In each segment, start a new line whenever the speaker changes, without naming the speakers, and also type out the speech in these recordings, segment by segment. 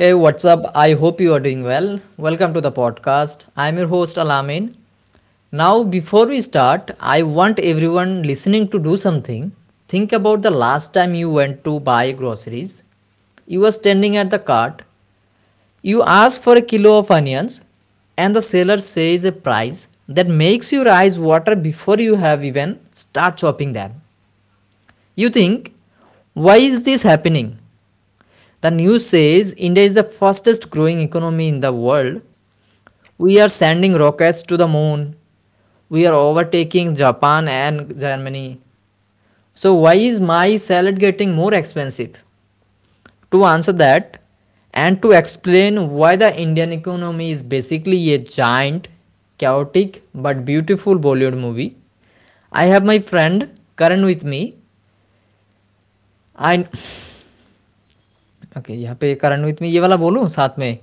Hey, what's up? I hope you are doing well. Welcome to the podcast. I'm your host Alamin. Now, before we start, I want everyone listening to do something. Think about the last time you went to buy groceries. You were standing at the cart. You ask for a kilo of onions, and the seller says a price that makes your eyes water before you have even start chopping them. You think, why is this happening? The news says India is the fastest growing economy in the world. We are sending rockets to the moon. We are overtaking Japan and Germany. So, why is my salad getting more expensive? To answer that, and to explain why the Indian economy is basically a giant, chaotic, but beautiful Bollywood movie, I have my friend Karan with me. I Okay, यहाँ पे करण with me ये वाला बोलूँ साथ में.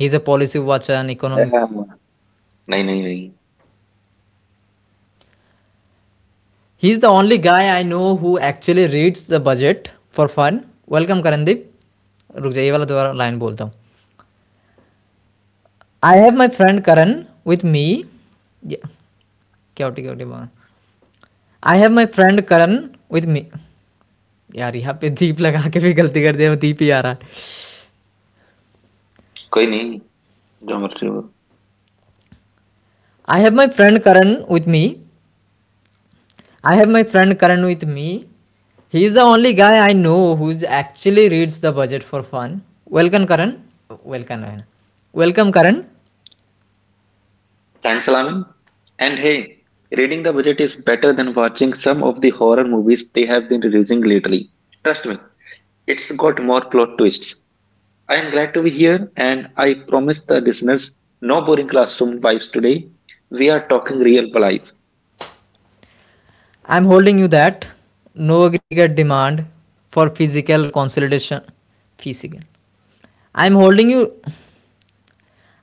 He is a policy watcher and economic.
Yeah. नहीं, नहीं, नहीं,
He's the only guy I know who actually reads the budget for fun. Welcome, Karan Deep. Ruk ja. ये वाला दोबारा line बोलता हूँ. I have my friend Karan with me. क्या क्या उटी बान. I have my friend Karan with me. यार यहाँ पे Deep लगा के भी गलती करते हैं. Deep यारा.
कोई नहीं, जो मर्ज़ी हो।
I have my friend Karan with me. I have my friend Karan with me. He's the only guy I know who's actually reads the budget for fun. Welcome, Karan. Welcome. Welcome, Karan.
Thanks a लामी and hey, reading the budget is better than watching some of the horror movies they have been releasing lately. Trust me, it's got more plot twists. I am glad to be here and I promise the listeners no boring classroom vibes today. We are talking real life.
I'm holding you that no aggregate demand for physical consolidation. Physical. I'm holding you.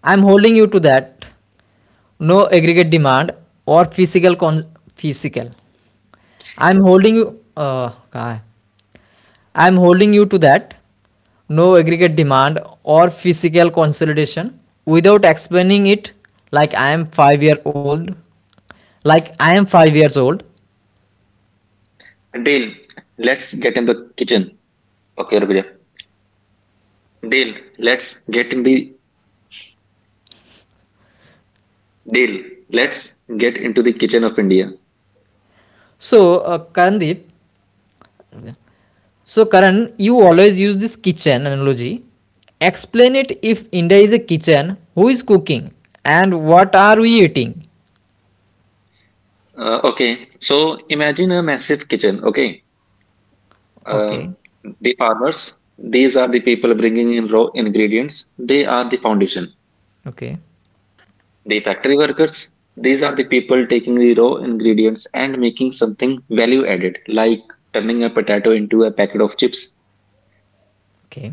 I'm holding you to that no aggregate demand or physical physical. I'm holding you. काय? I'm holding you to that no aggregate demand or physical consolidation without explaining it like I am 5-year old like I am 5 years old.
Dale, let's get in the kitchen. Okay, Rubiya. Dale, let's get in the Dale, let's get into the kitchen of India.
So uh, Karandeep, So, Karan, you always use this kitchen analogy. Explain it if India is a kitchen, who is cooking and what are we eating?
Okay, so imagine a massive kitchen. Okay, uh,
Okay,
the farmers, these are the people bringing in raw ingredients, they are the foundation.
okay,
The factory workers, these are the people taking the raw ingredients and making something value added, like turning a potato into a packet of chips.
okay.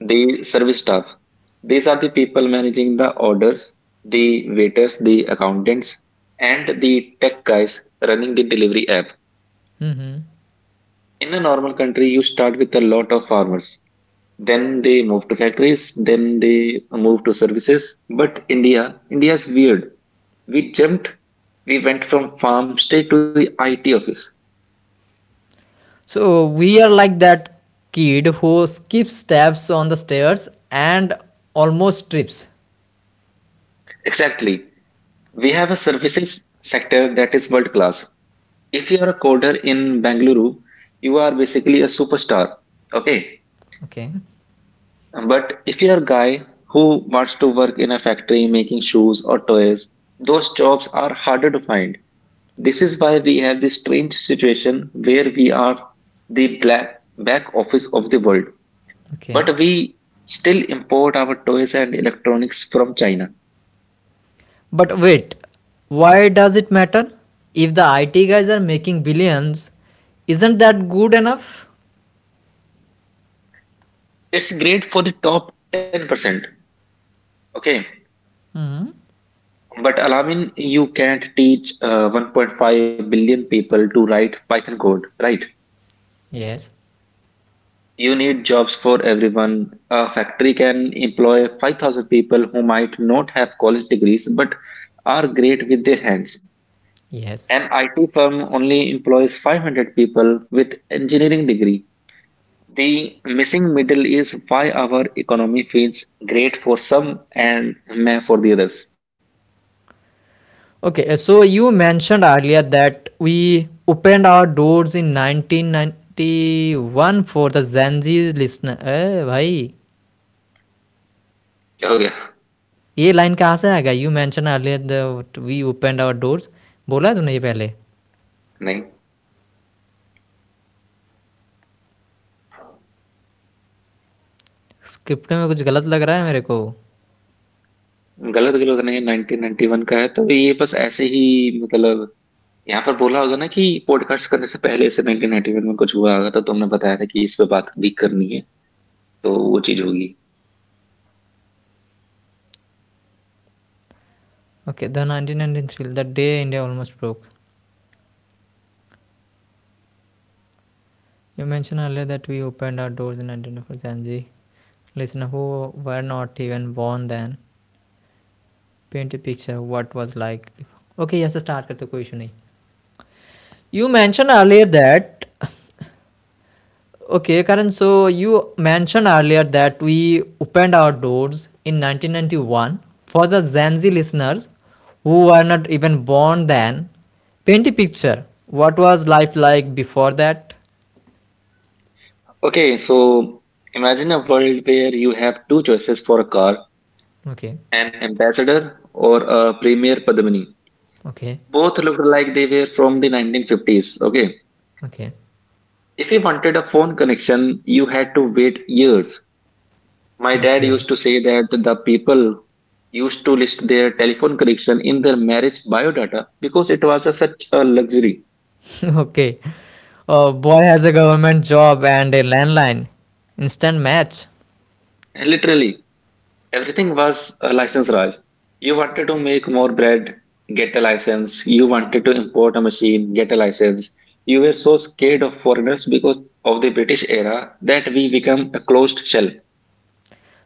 The service staff, these are the people managing the orders, the waiters, the accountants, and the tech guys running the delivery app. In a normal country, you start with a lot of farmers, then they move to factories, then they move to services. But India is weird. We jumped, we went from farm straight to the IT office.
So, we are like that kid who skips steps on the stairs and almost trips.
Exactly. We have a services sector that is world class. If you are a coder in Bangalore, you are basically a superstar. Okay.
Okay,
But if you are a guy who wants to work in a factory making shoes or toys, those jobs are harder to find. This is why we have this strange situation where we are the black back office of the world,
okay.
but we still import our toys and electronics from China.
But wait, why does it matter? If the IT guys are making billions, isn't that good enough?
It's great for the top 10%. Okay, but Alamin, you can't teach 1.5 billion people to write Python code, right?
Yes,
You need jobs for everyone. A factory can employ 5,000 people who might not have college degrees but are great with their hands.
yes.
An IT firm only employs 500 people with engineering degree. The missing middle is why our economy feels great for some and meh for the others.
Okay, so you mentioned earlier that we opened our doors in 1991 for the Zanji's listeners. Hey, how is
क्या हो गया?
this line coming? You mentioned earlier that we opened our doors. Can you tell me this
नहीं,
first? Is something wrong in the script?
गलत नहीं, 1991 का है तो ये बस ऐसे ही, मतलब यहाँ पर बोला होगा ना कि पॉडकास्ट करने से पहले से 1991 में कुछ हुआ होगा, तो तुमने बताया था कि इस पे बात भी करनी है, तो वो चीज होगी।
Okay, the 1993, the day India almost broke. You mentioned earlier that we opened our doors in 1991 for Zanji. Listen, who were not even born then. Paint a picture of what was like before. Okay, let's start here. You mentioned earlier that, okay, Karan, so you mentioned earlier that we opened our doors in 1991 for the Gen Z listeners who were not even born then. Paint a picture. What was life like before that?
Okay so imagine a world where you have two choices for a car,
Okay,
an ambassador or a premier Padmini.
okay,
Both looked like they were from the 1950s. Okay.
okay,
If you wanted a phone connection, you had to wait years. My dad
okay,
used to say that the people used to list their telephone connection in their marriage biodata because it was a, such a luxury.
okay. A boy has a government job and a landline. Instant match.
Literally, everything was a license, Raj. You wanted to make more bread, get a license. You wanted to import a machine, get a license. You were so scared of foreigners because of the British era that we become a closed shell.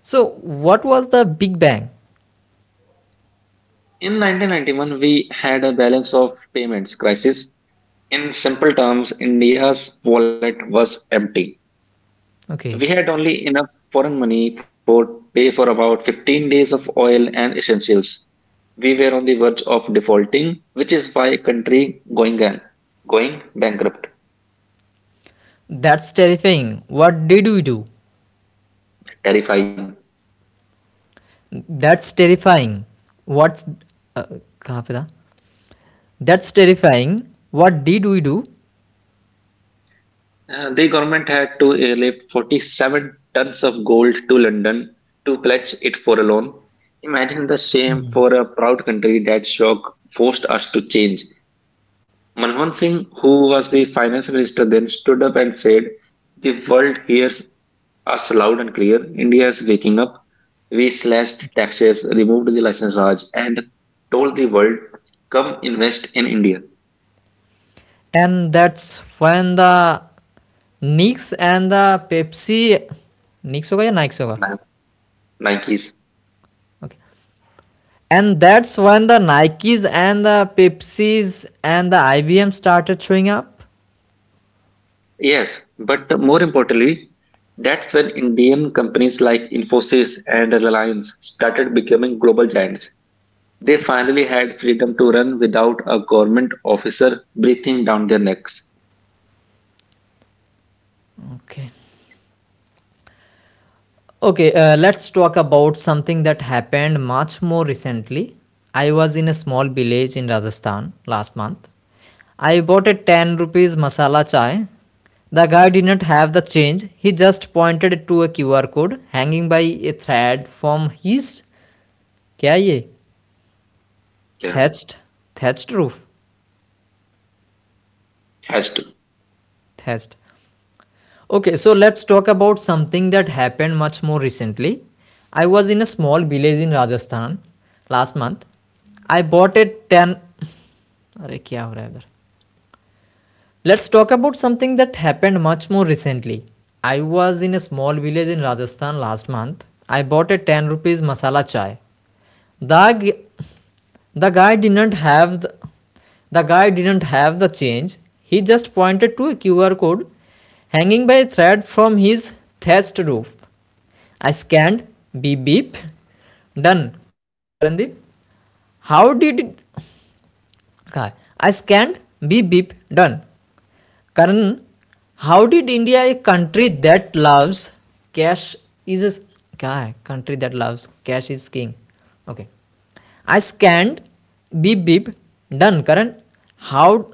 So, what was the Big Bang?
In 1991, we had a balance of payments crisis. In simple terms, India's wallet was empty.
Okay,
We had only enough foreign money for pay for about 15 days of oil and essentials. We were on the verge of defaulting, which is why country going and going bankrupt.
that's terrifying. What did we do?
Terrifying.
That's terrifying. What's uh, कहाँ पे था? That's terrifying. What did we do?
The government had to airlift 47 tons of gold to London to pledge it for a loan. Imagine the shame for a proud country. That shock forced us to change. Manmohan Singh, who was the finance minister then, stood up and said, the world hears us loud and clear. India is waking up. We slashed taxes, removed the license Raj, and told the world, come invest in India.
And that's when the Nix and the Pepsi. Nix होगा या Nikes होगा?
Ni- Nikes.
Okay. And that's when the Nikes and the Pepsis and the IBM started showing up.
Yes, but more importantly, that's when Indian companies like Infosys and Reliance started becoming global giants. They finally had freedom to run without a government officer breathing down their necks.
Okay. Okay, let's talk about something that happened much more recently. I was in a small village in Rajasthan last month. I bought a 10 rupees masala chai. The guy did not have the change. He just pointed to a QR code hanging by a thread from his क्या ये thatched thatched roof
Has to.
thatched. Okay, so let's talk about something that happened much more recently. I was in a small village in Rajasthan last month. I bought a 10 अरे क्या हो रहा है उधर let's talk about something that happened much more recently I was in a small village in Rajasthan last month I bought a ten rupees masala chai. The, g- the guy didn't have The guy didn't have the change. He just pointed to a QR code hanging by a thread from his thatched roof. I scanned, beep beep, done. Karandeep, how did it? I scanned, beep beep, done. Karan, how did India, a country that loves cash, is क्या है country that loves cash is king? Okay. I scanned, beep beep, done. Karan, how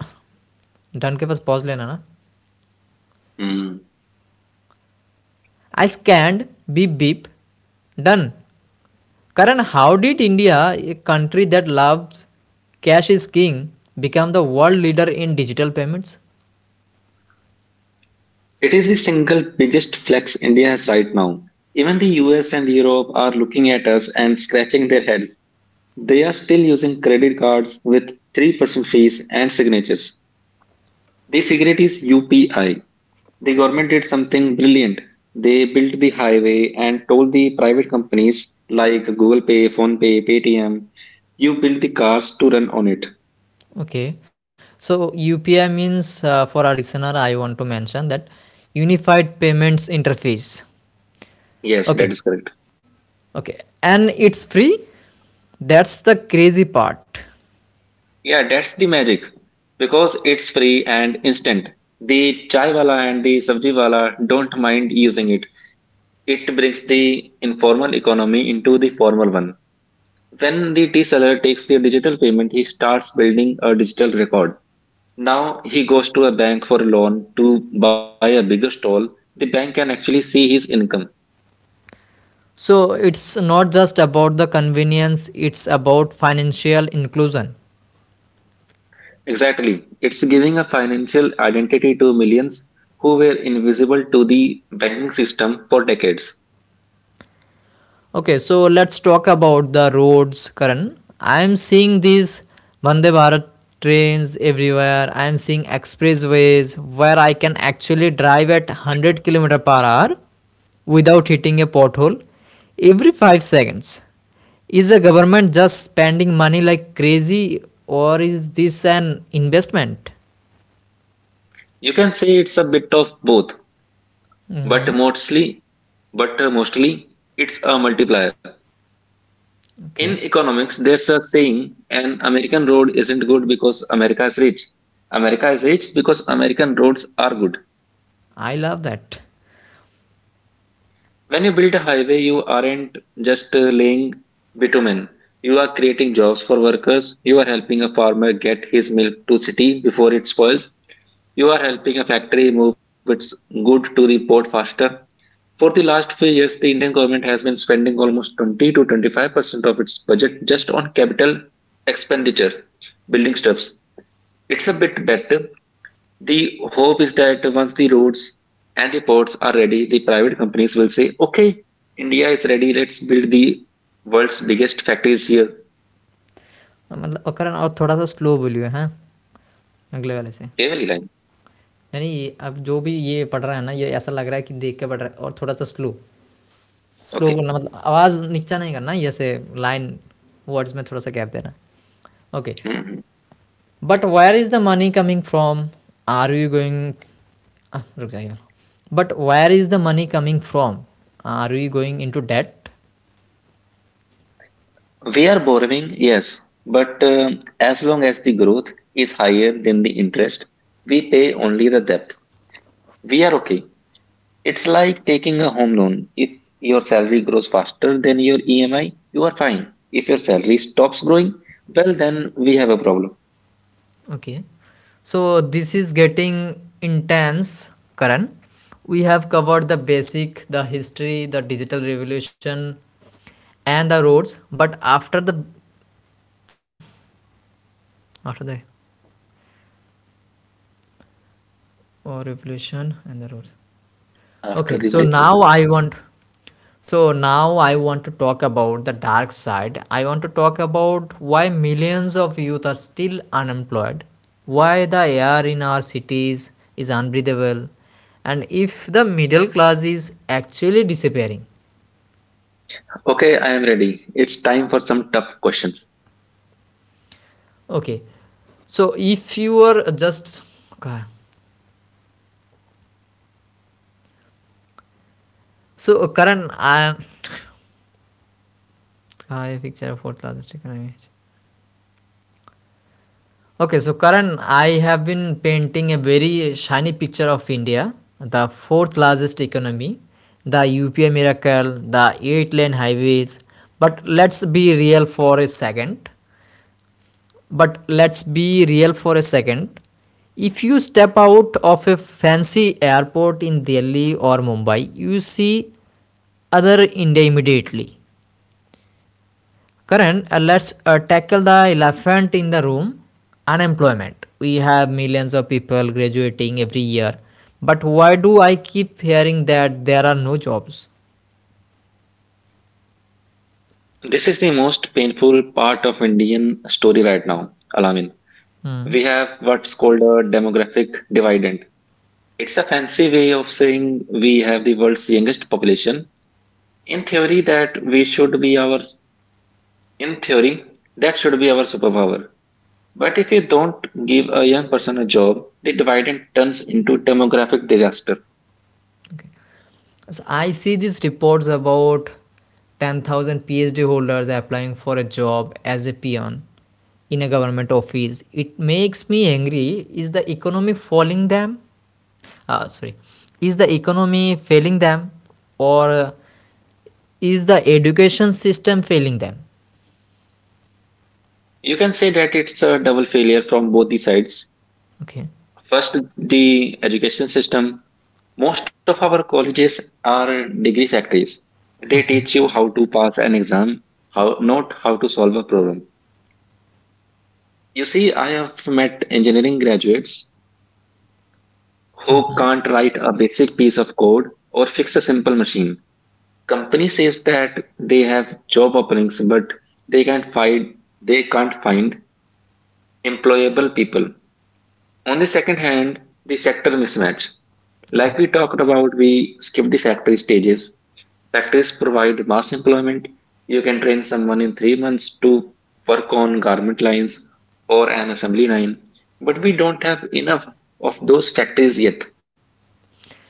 done के पास pause लेना ना?
Hmm.
I scanned, beep beep, done. Karan, how did India, a country that loves cash is king, become the world leader in digital payments?
It is the single biggest flex India has right now. Even the US and Europe are looking at us and scratching their heads. They are still using credit cards with 3% fees and signatures. The cigarette is UPI. The government did something brilliant. They built the highway and told the private companies like Google Pay, PhonePay, Paytm, you build the cars to run on it.
Okay. So UPI means uh, for our listener, I want to mention that Unified Payments Interface.
Yes, that is
Okay.
correct.
Okay. And it's free. That's the crazy part.
Yeah, that's the magic because it's free and instant. The chai wala and the sabji wala don't mind using it. It brings the informal economy into the formal one. When the tea seller takes the digital payment, he starts building a digital record. Now he goes to a bank for a loan to buy a bigger stall. The bank can actually see his income.
So it's not just about the convenience, it's about financial inclusion.
Exactly. It's giving a financial identity to millions who were invisible to the banking system for decades.
Okay, so let's talk about the roads, Karan. I am seeing these Vande Bharat trains everywhere. I am seeing expressways where I can actually drive at 100 km per hour without hitting a pothole every 5 seconds. Is the government just spending money like crazy or is this an investment?
You can say it's a bit of both, but mostly it's a multiplier. In
Okay,
economics, there's a saying, an American road isn't good because America is rich. America is rich because American roads are good.
I love that.
When you build a highway, you aren't just laying bitumen. You are creating jobs for workers. You are helping a farmer get his milk to city before it spoils. You are helping a factory move its good to the port faster. For the last few years, the Indian government has been spending almost 20 to 25% of its budget just on capital expenditure, building stuffs. It's a bit better. The hope is that once the roads and the ports are ready, the private companies will say, okay, India is ready, let's build the world's biggest factories here.
मतलब- और करण और थोड़ा सा slow बोलियो हाँ अगले वाले से
Kevali line.
यानी अब जो भी ये पढ़ रहा है ना ये ऐसा लग रहा है कि देख के पढ़ रहा है और थोड़ा सा स्लो स्लो बोलना
Okay.
मतलब आवाज़ नीचा नहीं करना जैसे लाइन वर्ड्स में थोड़ा सा गैप देना okay
Mhm.
But where is the money coming from are you going रुक जाइए but where is the money coming from are you going into debt.
We are borrowing, yes, but as long as the growth is higher than the interest, we pay only the debt. We are okay. It's like taking a home loan. If your salary grows faster than your EMI, you are fine. If your salary stops growing, well, then we have a problem.
Okay. So this is getting intense, Karan. We have covered the basic, the history, the digital revolution, and the roads. But after the revolution and the roads. Okay,
After the
so
break.
now I want so now I want to talk about the dark side. I want to talk about why millions of youth are still unemployed, why the air in our cities is unbreathable, and if the middle class is actually disappearing.
Okay, I am ready. It's time for some tough questions.
Okay. So if you are just okay. So Karan, I picture of fourth largest economy. Okay, so Karan, I have been painting a very shiny picture of India, the fourth largest economy, the UPI miracle, the eight-lane highways. But let's be real for a second. But let's be real for a second. If you step out of a fancy airport in Delhi or Mumbai, you see other India immediately. Current, let's tackle the elephant in the room: unemployment. We have millions of people graduating every year, but why do I keep hearing that there are no jobs?
This is the most painful part of Indian story right now, Alamin. We have what's called a demographic dividend. It's a fancy way of saying we have the world's youngest population. In theory, that we should be our in theory that should be our superpower. But if you don't give a young person a job, the dividend turns into demographic disaster.
As I see these reports about 10,000 PhD holders applying for a job as a peon in a government office. It makes me angry. Uh, sorry is the economy failing them, or is the education system failing them?
You can say that it's a double failure from both the sides.
Okay.
First, the education system. Most of our colleges are degree factories. They
Okay.
teach you how to pass an exam, how not how to solve a problem. You see, I have met engineering graduates who can't write a basic piece of code or fix a simple machine. Company says that they have job openings but they can't find they can't find employable people. On the second hand, the sector mismatch, like we
okay
talked about, we skip the factory stages. Factories provide mass employment. You can train someone in 3 months to work on garment lines or an assembly line, but we don't have enough of those factories yet.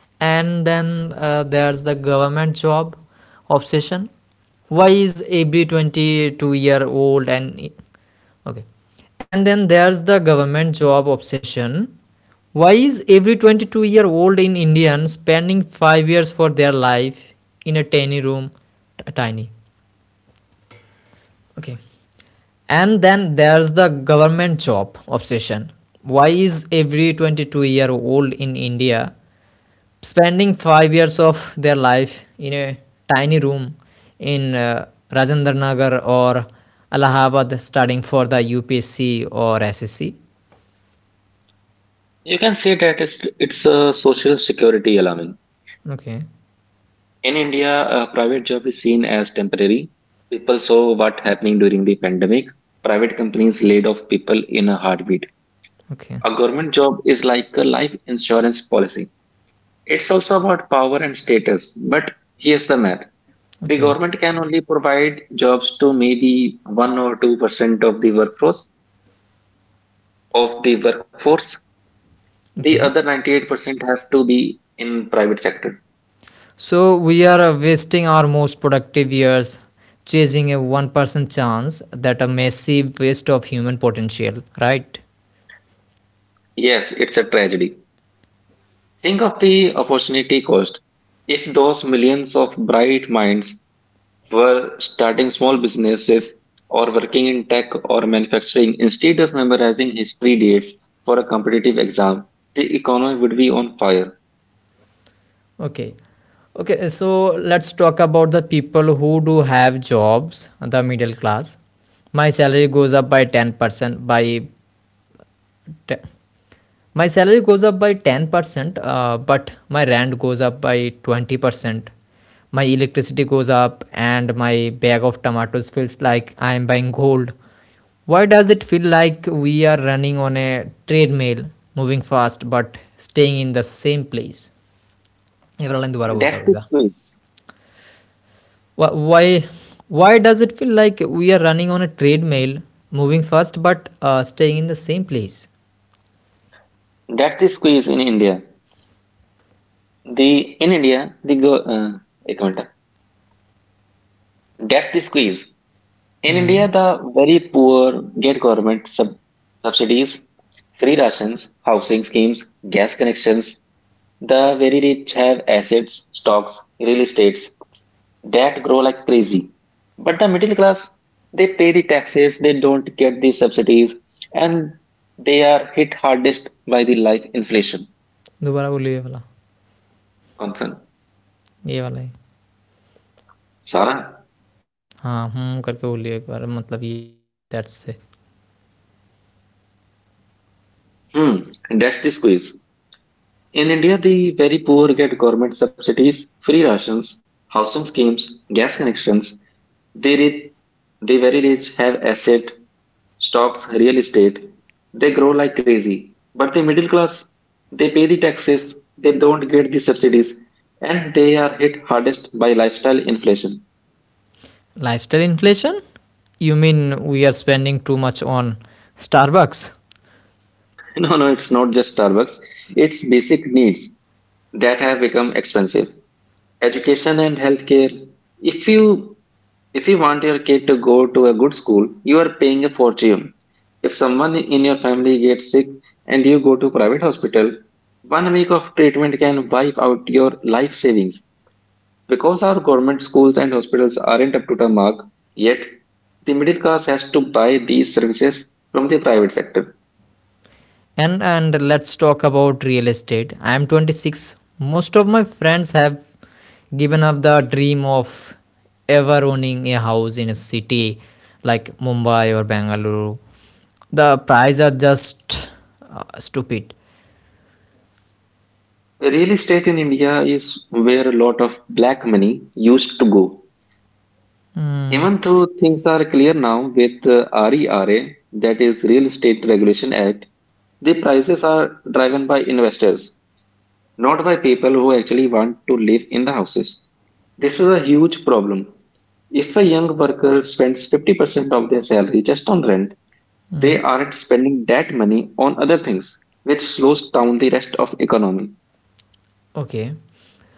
and then there's the government job obsession why is every 22-year year old and okay And then there's the government job obsession. Why is every 22-year-old in indian spending 5 years for their life in a tiny room t- tiny okay And then there's the government job obsession. Why is every 22-year-old in India spending 5 years of their life in a tiny room in Rajendranagar or Allahabad studying for the UPSC or SSC?
You can say that it's a social security alarm.
Okay,
In India, a private job is seen as temporary. People saw what happening during the pandemic. Private companies laid off people in a heartbeat.
okay,
A government job is like a life insurance policy. It's also about power and status. But here's the math. The
okay,
government can only provide jobs to maybe 1 or 2% of the workforce. The other
okay.
98% have to be in private sector.
So we are wasting our most productive years chasing a 1% chance that a massive waste of human potential, right?
Yes, it's a tragedy. Think of the opportunity cost. If those millions of bright minds were starting small businesses or working in tech or manufacturing instead of memorizing history dates for a competitive exam, the economy would be on fire.
Okay. Okay, so let's talk about the people who do have jobs, the middle class. My salary goes up by 10% by te- my salary goes up by 10%, but my rent goes up by 20%. My electricity goes up and my bag of tomatoes feels like I am buying gold. Why does it feel like we are running on a treadmill, moving fast but staying in the same place? एवरेला दोबारा
And
बोलता
that's the
रहूँगा.
squeeze.
Wh- Why, why does it feel like we are running on a treadmill, moving fast but staying in the same place?
That's the squeeze in India. The in India the go. एक minute. That's the squeeze. In India,
hmm
the very poor get government subsidies, free rations, housing schemes, gas connections. The very rich have assets, stocks, real estates that grow like crazy. But the middle class, they pay the taxes, they don't get the subsidies, and they are hit hardest by the life inflation
दोबारा बोलिए
concern.
ये वाला ही
Sarah.
हाँ हम्म करके बोलिए एक बार मतलब ये दैट्स से
Hmm, that's the squeeze. In India, the very poor get government subsidies, free rations, housing schemes, gas connections. The rich, the very rich have asset stocks, real estate. They grow like crazy. But the middle class, they pay the taxes, they don't get the subsidies, and they are hit hardest by lifestyle inflation.
lifestyle inflation, you mean we are spending too much on Starbucks?
No, no, it's not just Starbucks. It's basic needs that have become expensive. Education and healthcare. If you If you want your kid to go to a good school, you are paying a fortune. If someone in your family gets sick and you go to private hospital, 1 week of treatment can wipe out your life savings. Because our government schools and hospitals aren't up to the mark yet, the middle class has to buy these services from the private sector.
And let's talk about real estate. I am 26. Most of my friends have given up the dream of ever owning a house in a city like Mumbai or Bangalore. The prices are just stupid.
Real estate in India is where a lot of black money used to go. Even though things are clear now with RERA, that is Real Estate Regulation Act. The prices are driven by investors, not by people who actually want to live in the houses. This is a huge problem. If a young worker spends 50% of their salary just on rent, they aren't spending that money on other things, which slows down the rest of economy.
Okay.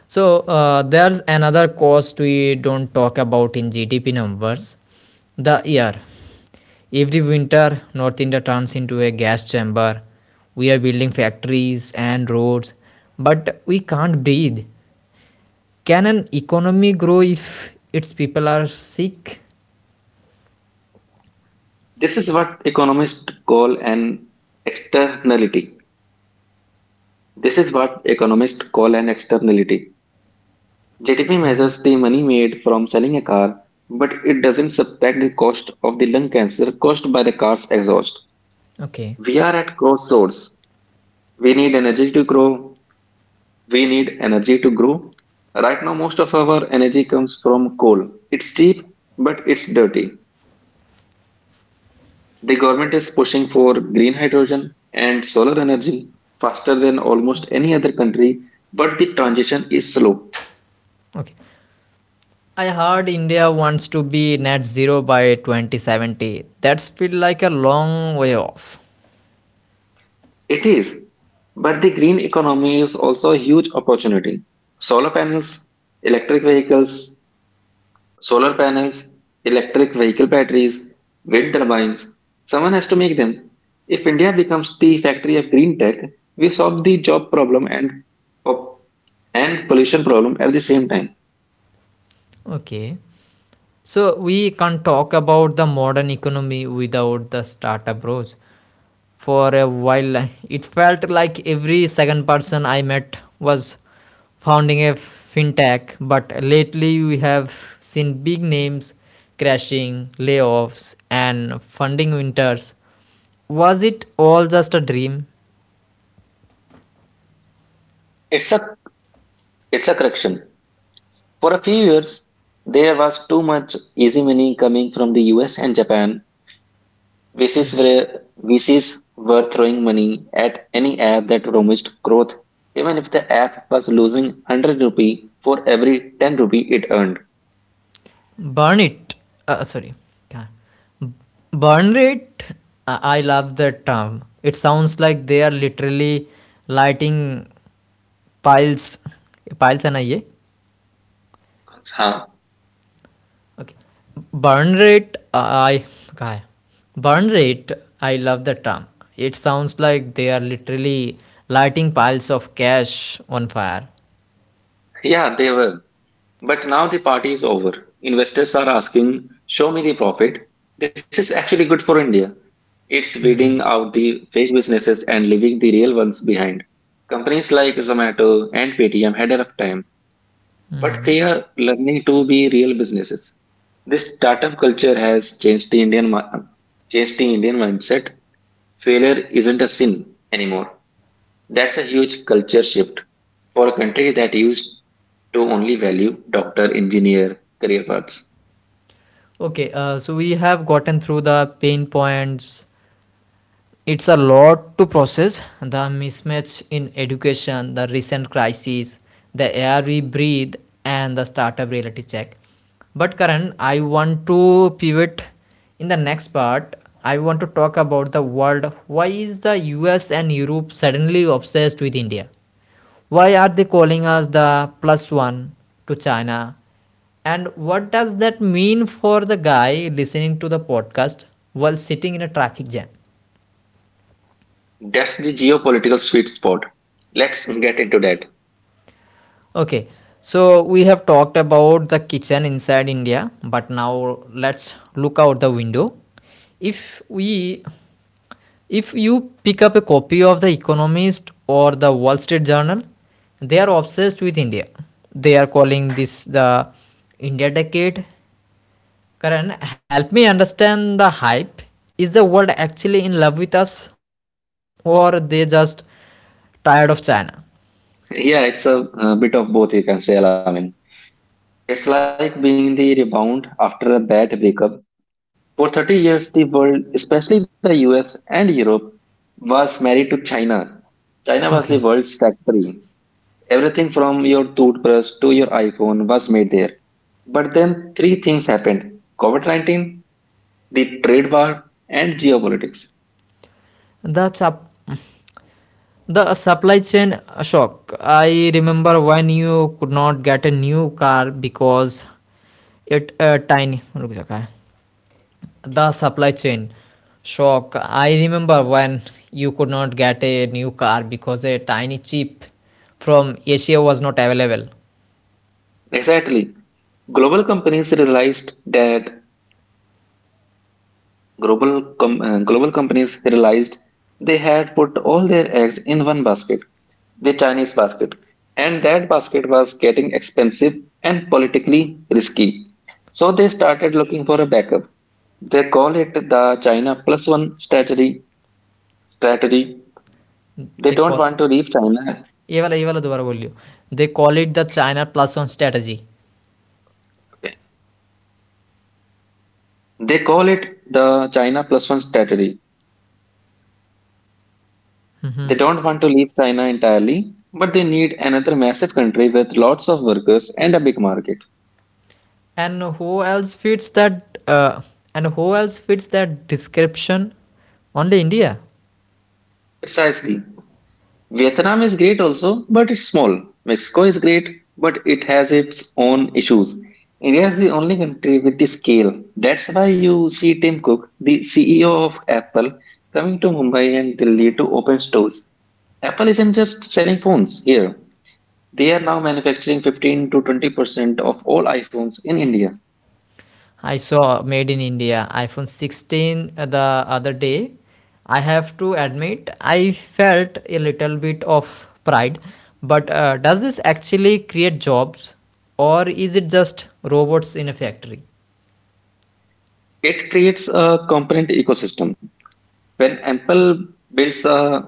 So there's another cost we don't talk about in GDP numbers: the air. Every winter, North India turns into a gas chamber. We are building factories and roads, but we can't breathe. Can an economy grow if its people are sick?
This is what economists call an externality. This is what economists call an externality. JTP measures the money made from selling a car, but it doesn't subtract the cost of the lung cancer caused by the car's exhaust.
Okay,
We are at crossroads. We need energy to grow. We need energy to grow. Right now, most of our energy comes from coal. It's cheap, but it's dirty. The government is pushing for green hydrogen and solar energy faster than almost any other country, but the transition is slow.
okay. I heard India wants to be net zero by 2070. That's feel like a long way off.
It is, but the green economy is also a huge opportunity. Solar panels, electric vehicles, solar panels, electric vehicle batteries, wind turbines. Someone has to make them. If India becomes the factory of green tech, we solve the job problem and pop- and pollution problem at the same time.
Okay. So we can't talk about the modern economy without the startup roles. For a while, it felt like every second person I met was founding a fintech, but lately we have seen big names crashing, layoffs, and funding winters. Was it all just a dream?
It's a it's a correction. For a few years, there was too much easy money coming from the US and Japan. This were where VCs were throwing money at any app that promised growth, even if the app was losing 100 rupee for every 10 rupee it earned.
Burn it. Sorry. Yeah. Burn rate, I love that term. It sounds like they are literally lighting piles piles है ना ये
Huh.
Okay burn rate आई कहा है burn rate I love the term it sounds like they are literally lighting piles of cash on fire.
Yeah, they were. But now the party is over. Investors are asking, show me the profit. This is actually good for India. It's weeding out the fake businesses and leaving the real ones behind. Companies like Zomato and Paytm had a rough time, but they are learning to be real businesses. This startup culture has changed the changed the Indian mindset. Failure isn't a sin anymore. That's a huge culture shift for a country that used to only value doctor, engineer, career paths.
Okay, so we have gotten through the pain points. It's a lot to process: the mismatch in education, the recent crisis, the air we breathe, and the startup reality check. But Karan, I want to pivot in the next part. I want to talk about the world. Why is the US and Europe suddenly obsessed with India? Why are they calling us the plus one to China? And what does that mean for the guy listening to the podcast while sitting in a traffic jam?
That's the geopolitical sweet spot. Let's get into that.
Okay, so we have talked about the kitchen inside India, but now let's look out the window. If we if you pick up a copy of The Economist or the Wall Street Journal, they are obsessed with India. They are calling this the India decade. Karan, help me understand the hype. Is the world actually in love with us or they just tired of China?
Yeah, it's a bit of both, you can say, Alamin. It's like being the rebound after a bad breakup. For 30 years, the world, especially the US and Europe, was married to China. China was
Okay.
the world's factory. Everything from your toothbrush to your iPhone was made there. But then three things happened: COVID 19, the trade war, and geopolitics.
The chap The supply chain shock. I remember when you could not get a new car because it tiny. रुक जा, काय? The supply chain shock. I remember when you could not get a new car because a tiny chip from Asia was not available.
Exactly. Global companies realized that Global companies realized they had put all their eggs in one basket, the Chinese basket, and that basket was getting expensive and politically risky. So they started looking for a backup. They call it the China plus one strategy. Strategy. They
They
don't
call
want to leave China.
ये वाला ये दोबारा बोलियो. They call it the China plus one strategy.
Okay. They call it the China plus one strategy. They don't want to leave China entirely, but they need another massive country with lots of workers and a big market.
And who else fits that? Uh, and who else fits that description? Only India.
Precisely. Vietnam is great also, but it's small. Mexico is great, but it has its own issues. India is the only country with the scale. That's why you see Tim Cook, the CEO of Apple, coming to Mumbai and Delhi to open stores. Apple isn't just selling phones here. They are now manufacturing 15 to 20% of all iPhones in India.
I saw made in India iPhone 16 the other day. I have to admit, I felt a little bit of pride. But does this actually create jobs or is it just robots in a factory?
It creates a component ecosystem. When Apple builds a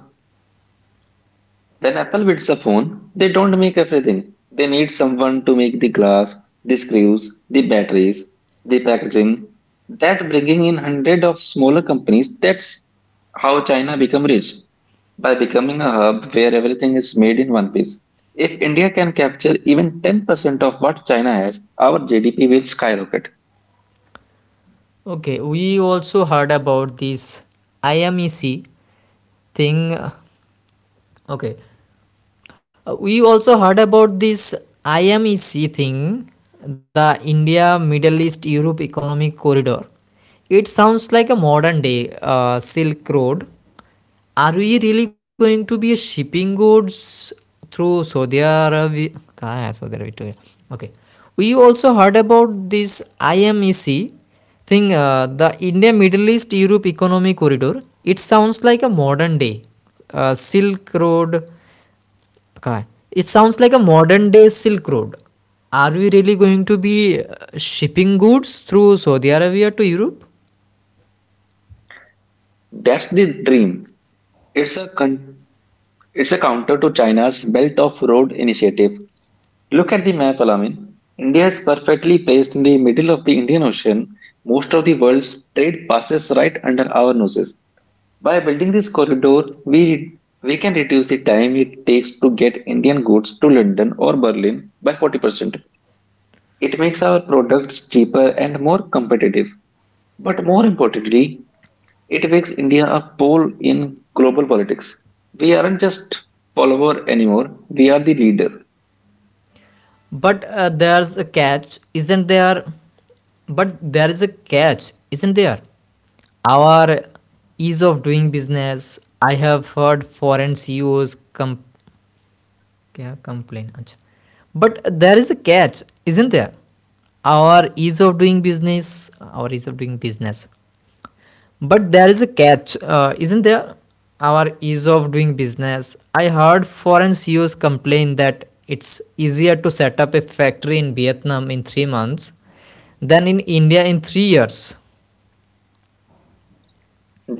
When Apple builds a phone, they don't make everything. They need someone to make the glass, the screws, the batteries, the packaging. That bringing in hundred of smaller companies. That's how China become rich by becoming a hub where everything is made in one piece. If India can capture even 10% of what China has, our GDP will skyrocket.
Okay, we also heard about this IMEC thing. Okay, we also heard about this IMEC thing, the India Middle East Europe Economic Corridor. It sounds like a modern day Silk Road. Are we really going to be shipping goods through Saudi Arabia? Okay. We also heard about this IMEC thing, the India Middle East Europe Economic Corridor. It sounds like a modern day Silk Road. Okay. It sounds like a modern day Silk Road. Are we really going to be shipping goods through Saudi Arabia to Europe?
That's the dream. It's a con- it's a counter to China's Belt of Road initiative. Look at the map, Alamin. India is perfectly placed in the middle of the Indian Ocean. Most of the world's trade passes right under our noses. By building this corridor, we can reduce the time it takes to get Indian goods to London or Berlin by 40%. It makes our products cheaper and more competitive. But more importantly, it makes India a pole in global politics. We aren't just follower anymore, we are the leader.
But there's a catch, isn't there? But there is a catch, isn't there? Our ease of doing business. I have heard foreign क्या complain. अच्छा. But there is a catch, isn't there? Our ease of doing business, our ease of doing business, But there is a catch, isn't there? Our ease of doing business. I heard foreign CEOs complain that it's easier to set up a factory in Vietnam in 3 months than in India in 3 years.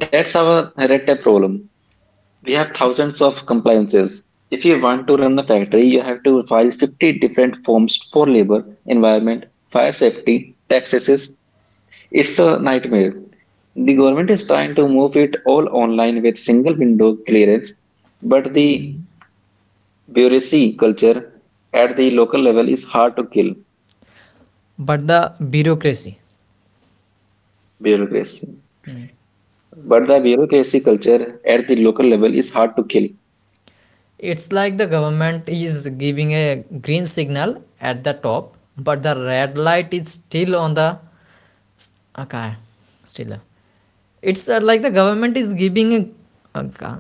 That's our red tape problem. We have thousands of compliances. If you want to run a factory, you have to file 50 different forms for labor, environment, fire safety, taxes. It's a nightmare. The government is trying to move it all online with single window clearance, but the bureaucracy culture at the local level is hard to kill.
But the bureaucracy.
Bureaucracy. But the bureaucracy culture at the local level is hard to kill.
It's like the government is giving a green signal at the top, but the red light is still on the. Okay, still. It's like the government is giving a. Okay.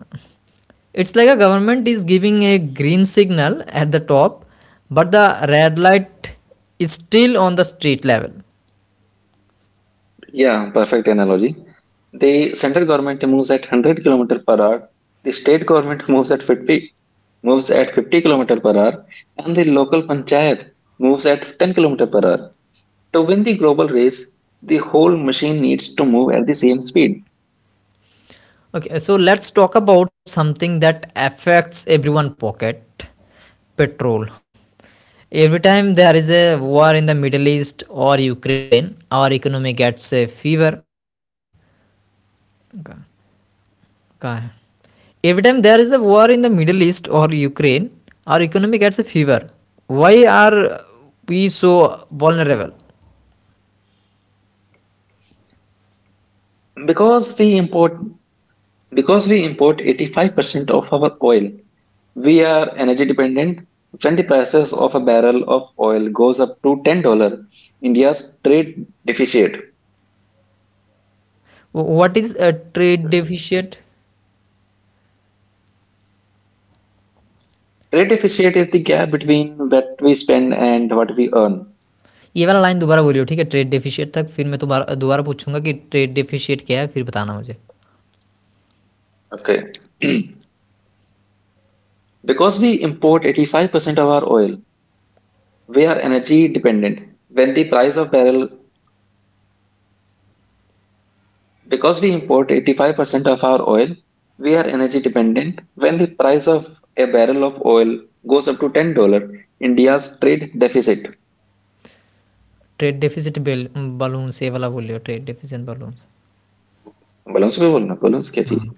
It's like a government is giving a green signal at the top, but the red light is still on the street level.
Yeah, perfect analogy. The central government moves at 100 km per hour, the state government moves at 50 km per hour, and the local panchayat moves at 10 km per hour. To win the global race, the whole machine needs to move at the same speed.
Okay, so let's talk about something that affects everyone pocket: petrol. Every time there is a war in the Middle East or Ukraine, our economy gets a fever. Every time there is a war in the Middle East or Ukraine, our economy gets a fever. Why are we so vulnerable?
Because we import because we import 85% of our oil, we are energy dependent. When the prices of a barrel of oil goes up to $10, India's trade deficit.
What is trade deficit
Trade deficit is the gap between what we spend and what we earn.
ये वाला line दोबारा बोलियो ठीक है trade deficit तक फिर मैं दोबारा दोबारा पूछूंगा कि ट्रेड डेफिशिएट क्या है फिर बताना मुझे
Okay. Because we import 85% of our oil, we are energy dependent. When the price of barrel Because we import 85% of our oil, we are energy dependent. When the price of a barrel of oil goes up to $10, India's trade deficit.
Trade deficit बेल balloons ये वाला बोलियो trade deficit balloons
Balance पे बोलना balance क्या चीज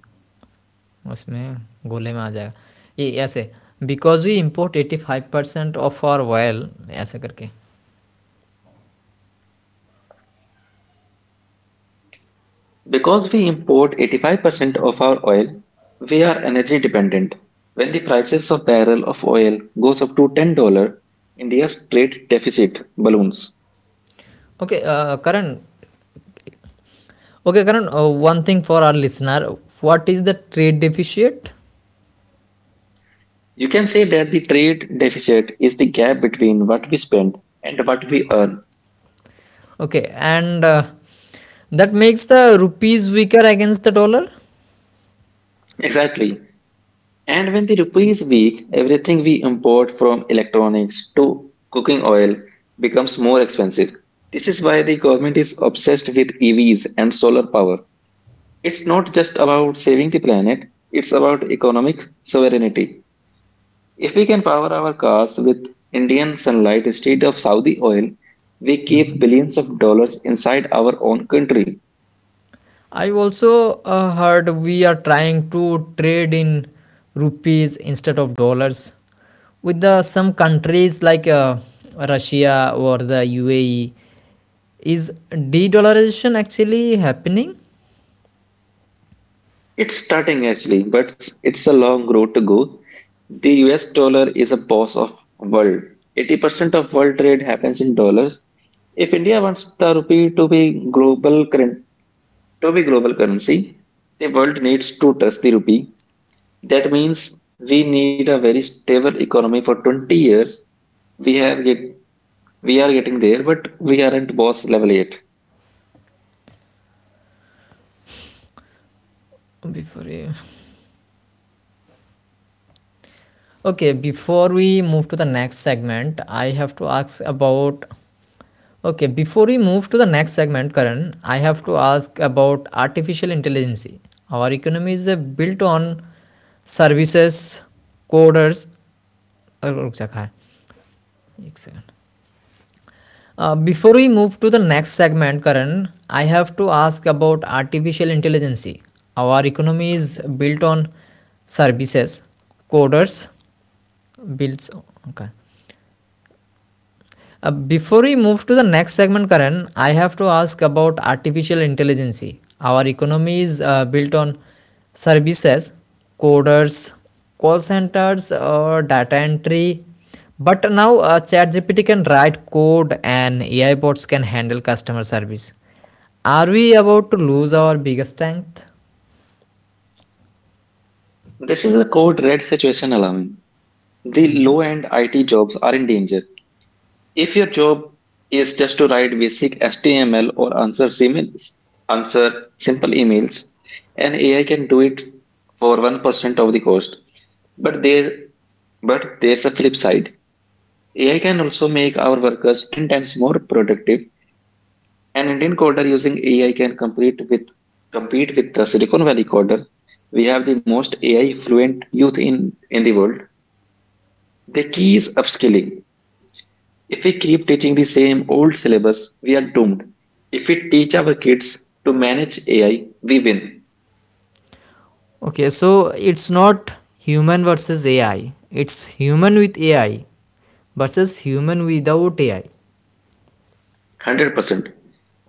उसमें गोले में आ जाएगा ये ऐसे because we import eighty five percent of our oil ऐसे करके
Because we import 85% of our oil, we are energy dependent. When the prices of barrel of oil goes up to $10, India's trade deficit balloons.
Okay Karan okay Karan one thing for our listener what is the trade deficit
You can say that the trade deficit is the gap between what we spend and what we earn.
Okay and that makes the rupees weaker against the dollar.
Exactly. And when the rupee is weak, everything we import, from electronics to cooking oil, becomes more expensive. This is why the government is obsessed with EVs and solar power. It's not just about saving the planet, it's about economic sovereignty. If we can power our cars with Indian sunlight instead of Saudi oil, we keep billions of dollars inside our own country.
I also heard we are trying to trade in rupees instead of dollars with the some countries like Russia or the UAE. Is de-dollarization actually happening?
It's starting actually, but it's a long road to go. The US dollar is a boss of world. 80% of world trade happens in dollars. If India wants the rupee to to be global currency, the world needs to touch the rupee. That means we need a very stable economy for 20 years. We have get we are getting there, but we aren't boss level yet.
Before you- okay, before we move to the next segment, I have to ask about. Okay, before we move to the next segment, Karan, I have to ask about artificial intelligence. Our economy is built on services, coders. रुक जा, कहाँ है? एक second. Before we move to the next segment, Karan, I have to ask about artificial intelligence. Our economy is built on services, coders, builds. Okay. Before we move to the next segment, Karan, I have to ask about artificial intelligence. Our economy is built on services, coders, call centers, or data entry. But now, ChatGPT can write code and AI bots can handle customer service. Are we about to lose our biggest strength?
This is a code red situation alarming. The low end IT jobs are in danger. If your job is just to write basic HTML or answer emails, Answer simple emails, and AI can do it for 1% of the cost. But there but there's a flip side. AI can also make our workers 10 times more productive. An Indian coder using AI can compete with the Silicon Valley coder. We have the most AI fluent youth in the world. The key is upskilling. If we keep teaching the same old syllabus, we are doomed. If we teach our kids to manage AI, we win.
Okay, so it's not human versus AI, it's human with AI versus human without AI.
100%.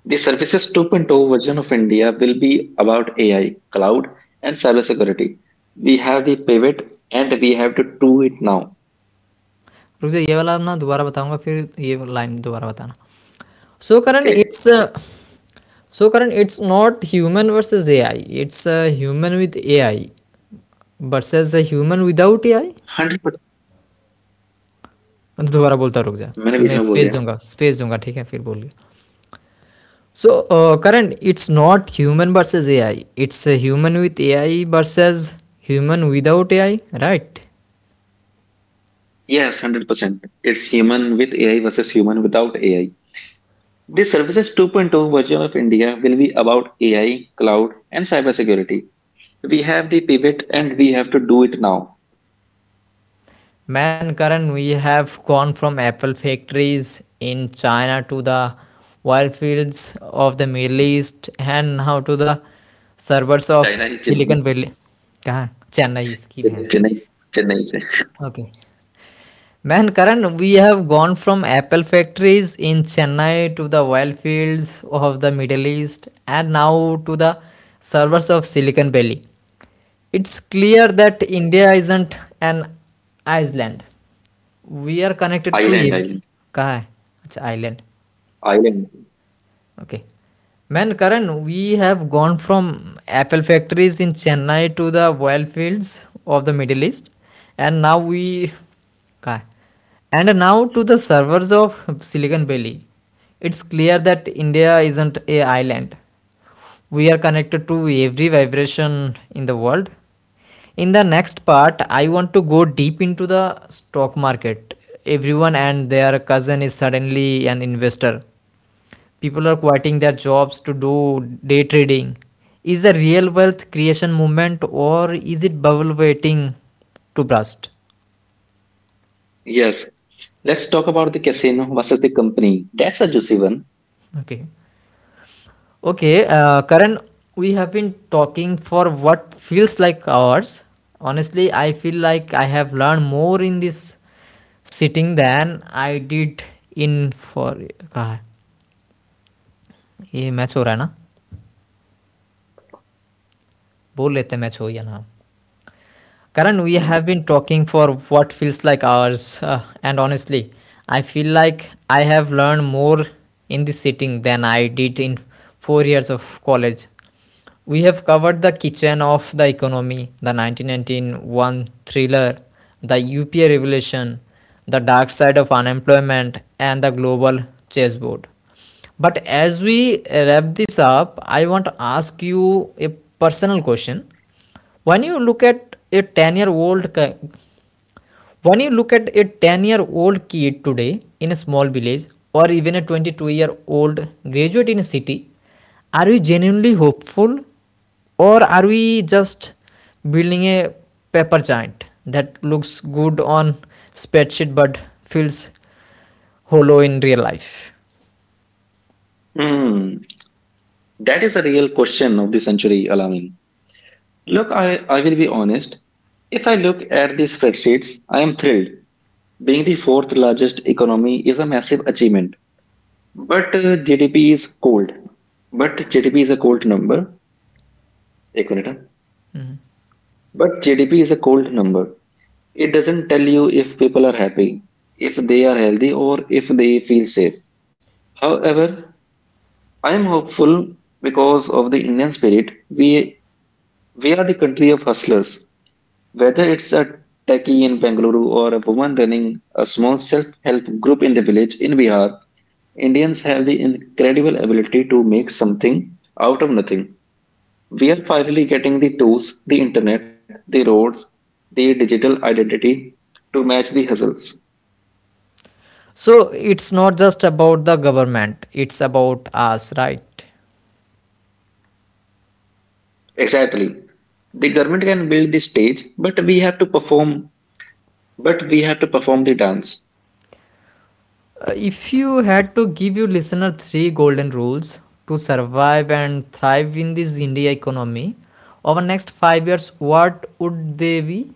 The Services 2.0 version of India will be about AI, cloud, and cybersecurity. We have the pivot and we have to do it now.
रुक जा ये वाला ना दोबारा बताऊंगा फिर ये line दोबारा बताना so Karan
Okay.
It's so Karan it's not human versus A I it's human with A I versus human without A
100%
I दोबारा बोलता
मैंने
रुक
बीच
जा
में बोल दिया
मैं स्पेस दूंगा ठीक है फिर बोलिए so Karan it's not human versus A I it's human with A I versus human without A I right.
Yes, 100%. It's human with AI versus human without AI. The Services 2.0 version of India will be about AI, cloud, and cybersecurity. We have the pivot and we have to do it now.
Man, Karan, we have gone from apple factories in China to the oil fields of the Middle East and now to the servers of
China is Chennai,
Silicon Valley. कहाँ चेन्नई इसकी भैंस की
Chennai, Chennai, Chennai.
Okay man we have gone from Apple factories in Chennai to the oil fields of the Middle East, and now to the servers of Silicon Valley. It's clear that India isn't an island. We are connected
Island,
to
island,
ev- कहा है? अच्छा island.
island.
Okay. Man, Karan, we have gone from apple factories in Chennai to the oil fields of the Middle East, and now we, Ka- and now to the servers of Silicon Valley. It's clear that India isn't a island. We are connected to every vibration in the world. In the next part, I want to go deep into the stock market. Everyone and their cousin is suddenly an investor. People are quitting their jobs to do day trading. Is the real wealth creation movement or is it bubble waiting to burst?
Yes. Let's talk about the casino versus the company. That's a juicy one.
Okay okay uh, Karan, we have been talking for what feels like hours. Honestly, I feel like I have learned more in this sitting than I did in for कहा ये match हो रहा है ना बोल लेते हैं match हो या ना. Karan, we
Hmm.
have been talking for what feels like hours, and honestly, I feel like I have learned more in this sitting than I did in 4 years of college. We have covered the kitchen of the economy, the 1991 thriller, the UPA revolution, the dark side of unemployment, and the global chessboard. But as we wrap this up, I want to ask you a personal question: when you look at a 10-year-old ki- when you look at a 10-year-old kid today in a small village or even a 22-year-old graduate in a city, are we genuinely hopeful or are we just building a paper giant that looks good on spreadsheet but feels hollow in real life?
Hmm. That is a real question of the century, alarming. Look, I will be honest. If I look at these spreadsheets, I am thrilled. Being the fourth largest economy is a massive achievement, but GDP is cold. But GDP is a cold number. एक minute, huh? But GDP is a cold number. It doesn't tell you if people are happy, if they are healthy, or if they feel safe. However, I am hopeful because of the Indian spirit. We are the country of hustlers. Whether it's a techie in Bengaluru or a woman running a small self-help group in the village in Bihar, Indians have the incredible ability to make something out of nothing. We are finally getting the tools, the internet, the roads, the digital identity to match the hustles.
So it's not just about the government, it's about us, right?
Exactly. The government can build the stage, but we have to perform the dance.
If you had to give your listener three golden rules to survive and thrive in this India economy over next 5 years, what would they be?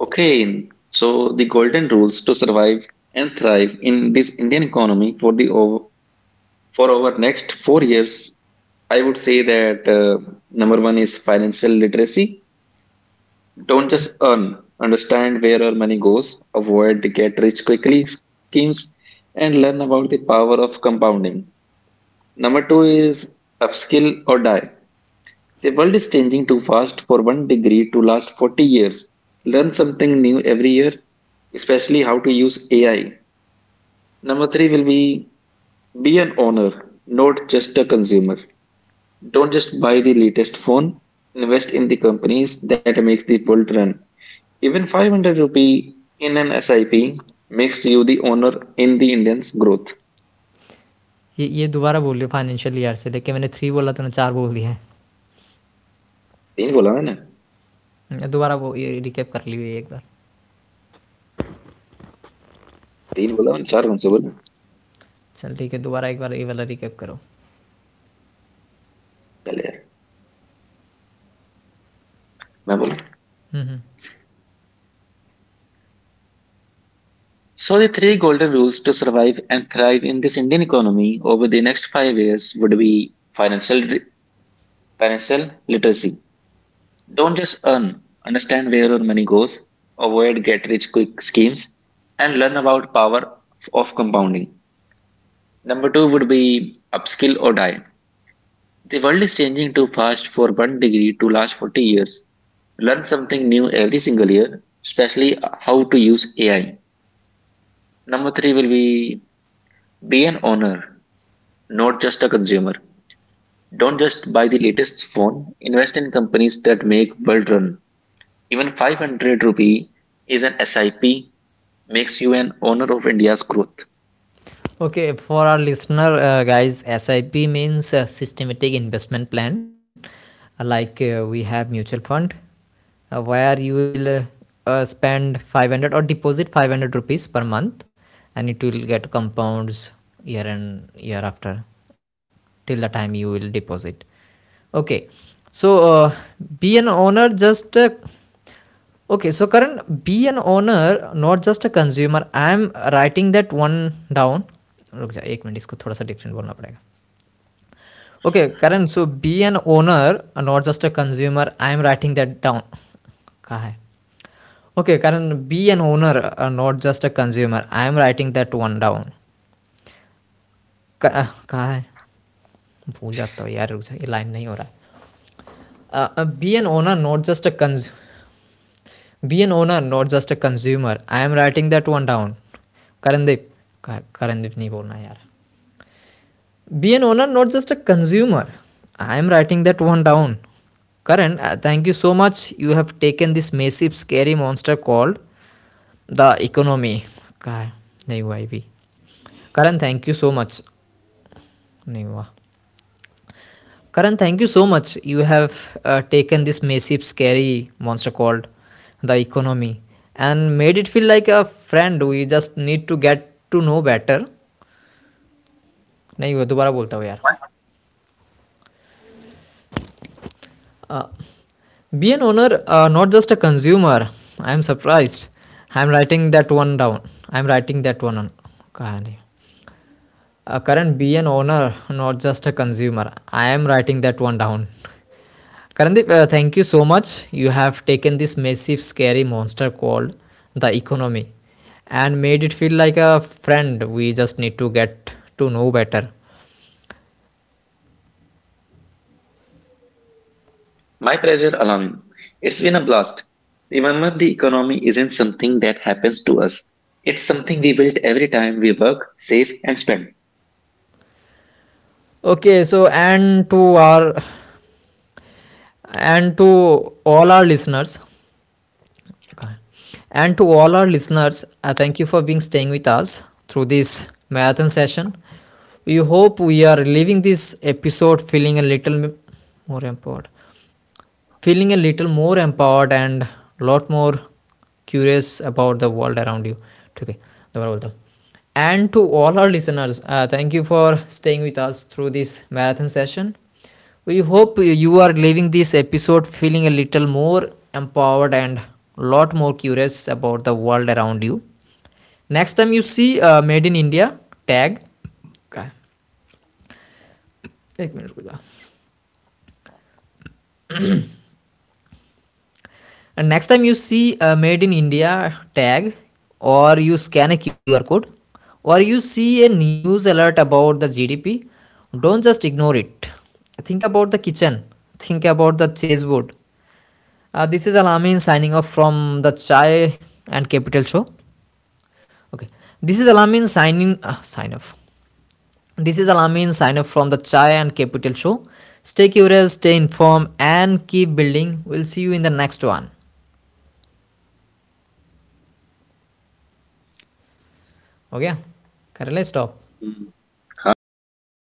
Okay, so the golden rules to survive and thrive in this Indian economy for our next 4 years, I would say that number one is financial literacy. Don't just earn, understand where our money goes, avoid get rich quickly schemes, and learn about the power of compounding. Number two is upskill or die. The world is changing too fast for one degree to last 40 years. Learn something new every year, especially how to use AI. Number three will be an owner, not just a consumer. Don't just buy the latest phone, invest in the companies that makes the world run. Even 500 rupee in an SIP makes you the owner in the Indian's growth.
ये ये दोबारा बोलिए financial year से लेके मैंने three बोला तूने चार बोल दिया
तीन बोला मैंने
है दोबारा वो ये रिकैप कर लियो ये एक बार
तीन बोला मैंने चार कौन से बोला
चल ठीक है दोबारा एक बार ये वाला रिकैप करो
चल यार मैं बोला
हम्म हम्म.
So the three golden rules to survive and thrive in this Indian economy over the next 5 years would be financial literacy. Don't just earn, understand where your money goes, avoid get rich quick schemes, and learn about power of compounding. Number two would be upskill or die. The world is changing too fast for one degree to last 40 years. Learn something new every single year, especially how to use AI. Number three will be an owner, not just a consumer. Don't just buy the latest phone, invest in companies that make world run. Even 500 rupee is an SIP makes you an owner of India's growth.
Okay, for our listener, guys, SIP means systematic investment plan. Like we have mutual fund, where you will spend 500 or deposit 500 rupees per month, and it will get compounds year and year after till the time you will deposit. Okay, so be an owner, just Okay, so Karan, be an owner, not just a consumer. I am writing that one down. रुक जा एक minute इसको थोड़ा सा different बोलना पड़ेगा okay Karan so be an owner not just a consumer I am writing that down कहाँ है okay Karan be an owner not just a consumer I am writing that one down कहाँ है भूल जाता हूँ यार रुक जा ये लाइन नहीं हो रहा है be an owner not just a consumer. Be an owner, not just a consumer. I am writing that one down. Karandeep. Karandeep नहीं बोलना यार be an owner not just a consumer I am writing that one down Karan thank you so much you have taken this massive scary monster called the economy का है नहीं हुआ ये भी Karan thank you so much नहीं हुआ. Karan, thank you so much. You have taken this massive, scary monster called the economy and made it feel like a friend we just need to get to know better. नहीं वो दोबारा बोलता हूँ यार Be an be an owner not just a consumer I am surprise I am writing that one down I am writing that one कहानी Karan be an owner, not just a consumer. I am writing that one down. Karandeep, thank you so much. You have taken this massive, scary monster called the economy and made it feel like a friend we just need to get to know better.
My pleasure, Alamin. It's been a blast. Remember, the economy isn't something that happens to us. It's something we build every time we work, save, and spend.
Okay, so and to our and to all our listeners, and to all our listeners, thank you for being staying with us through this marathon session. We hope we are leaving this episode feeling a little m- more empowered, feeling a little more empowered and lot more curious about the world around you. Okay, दोबारा बोलता. And to all our listeners, thank you for staying with us through this marathon session. We hope you are leaving this episode feeling a little more empowered and a lot more curious about the world around you. Next time you see Made in India, tag. Okay. एक minute रुक. And next time you see a made in India tag, or you scan a QR code, or you see a news alert about the GDP, don't just ignore it. Think about the kitchen, think about the chessboard. This is Alamin signing off from the Chai and Capital Show. Okay, this is Alamin signing sign off. This is Alamin sign off from the Chai and Capital Show. Stay curious, stay informed, and keep building. We'll see you in the next one. Okay, Karele, stop.
Hmm, हाँ कर देगा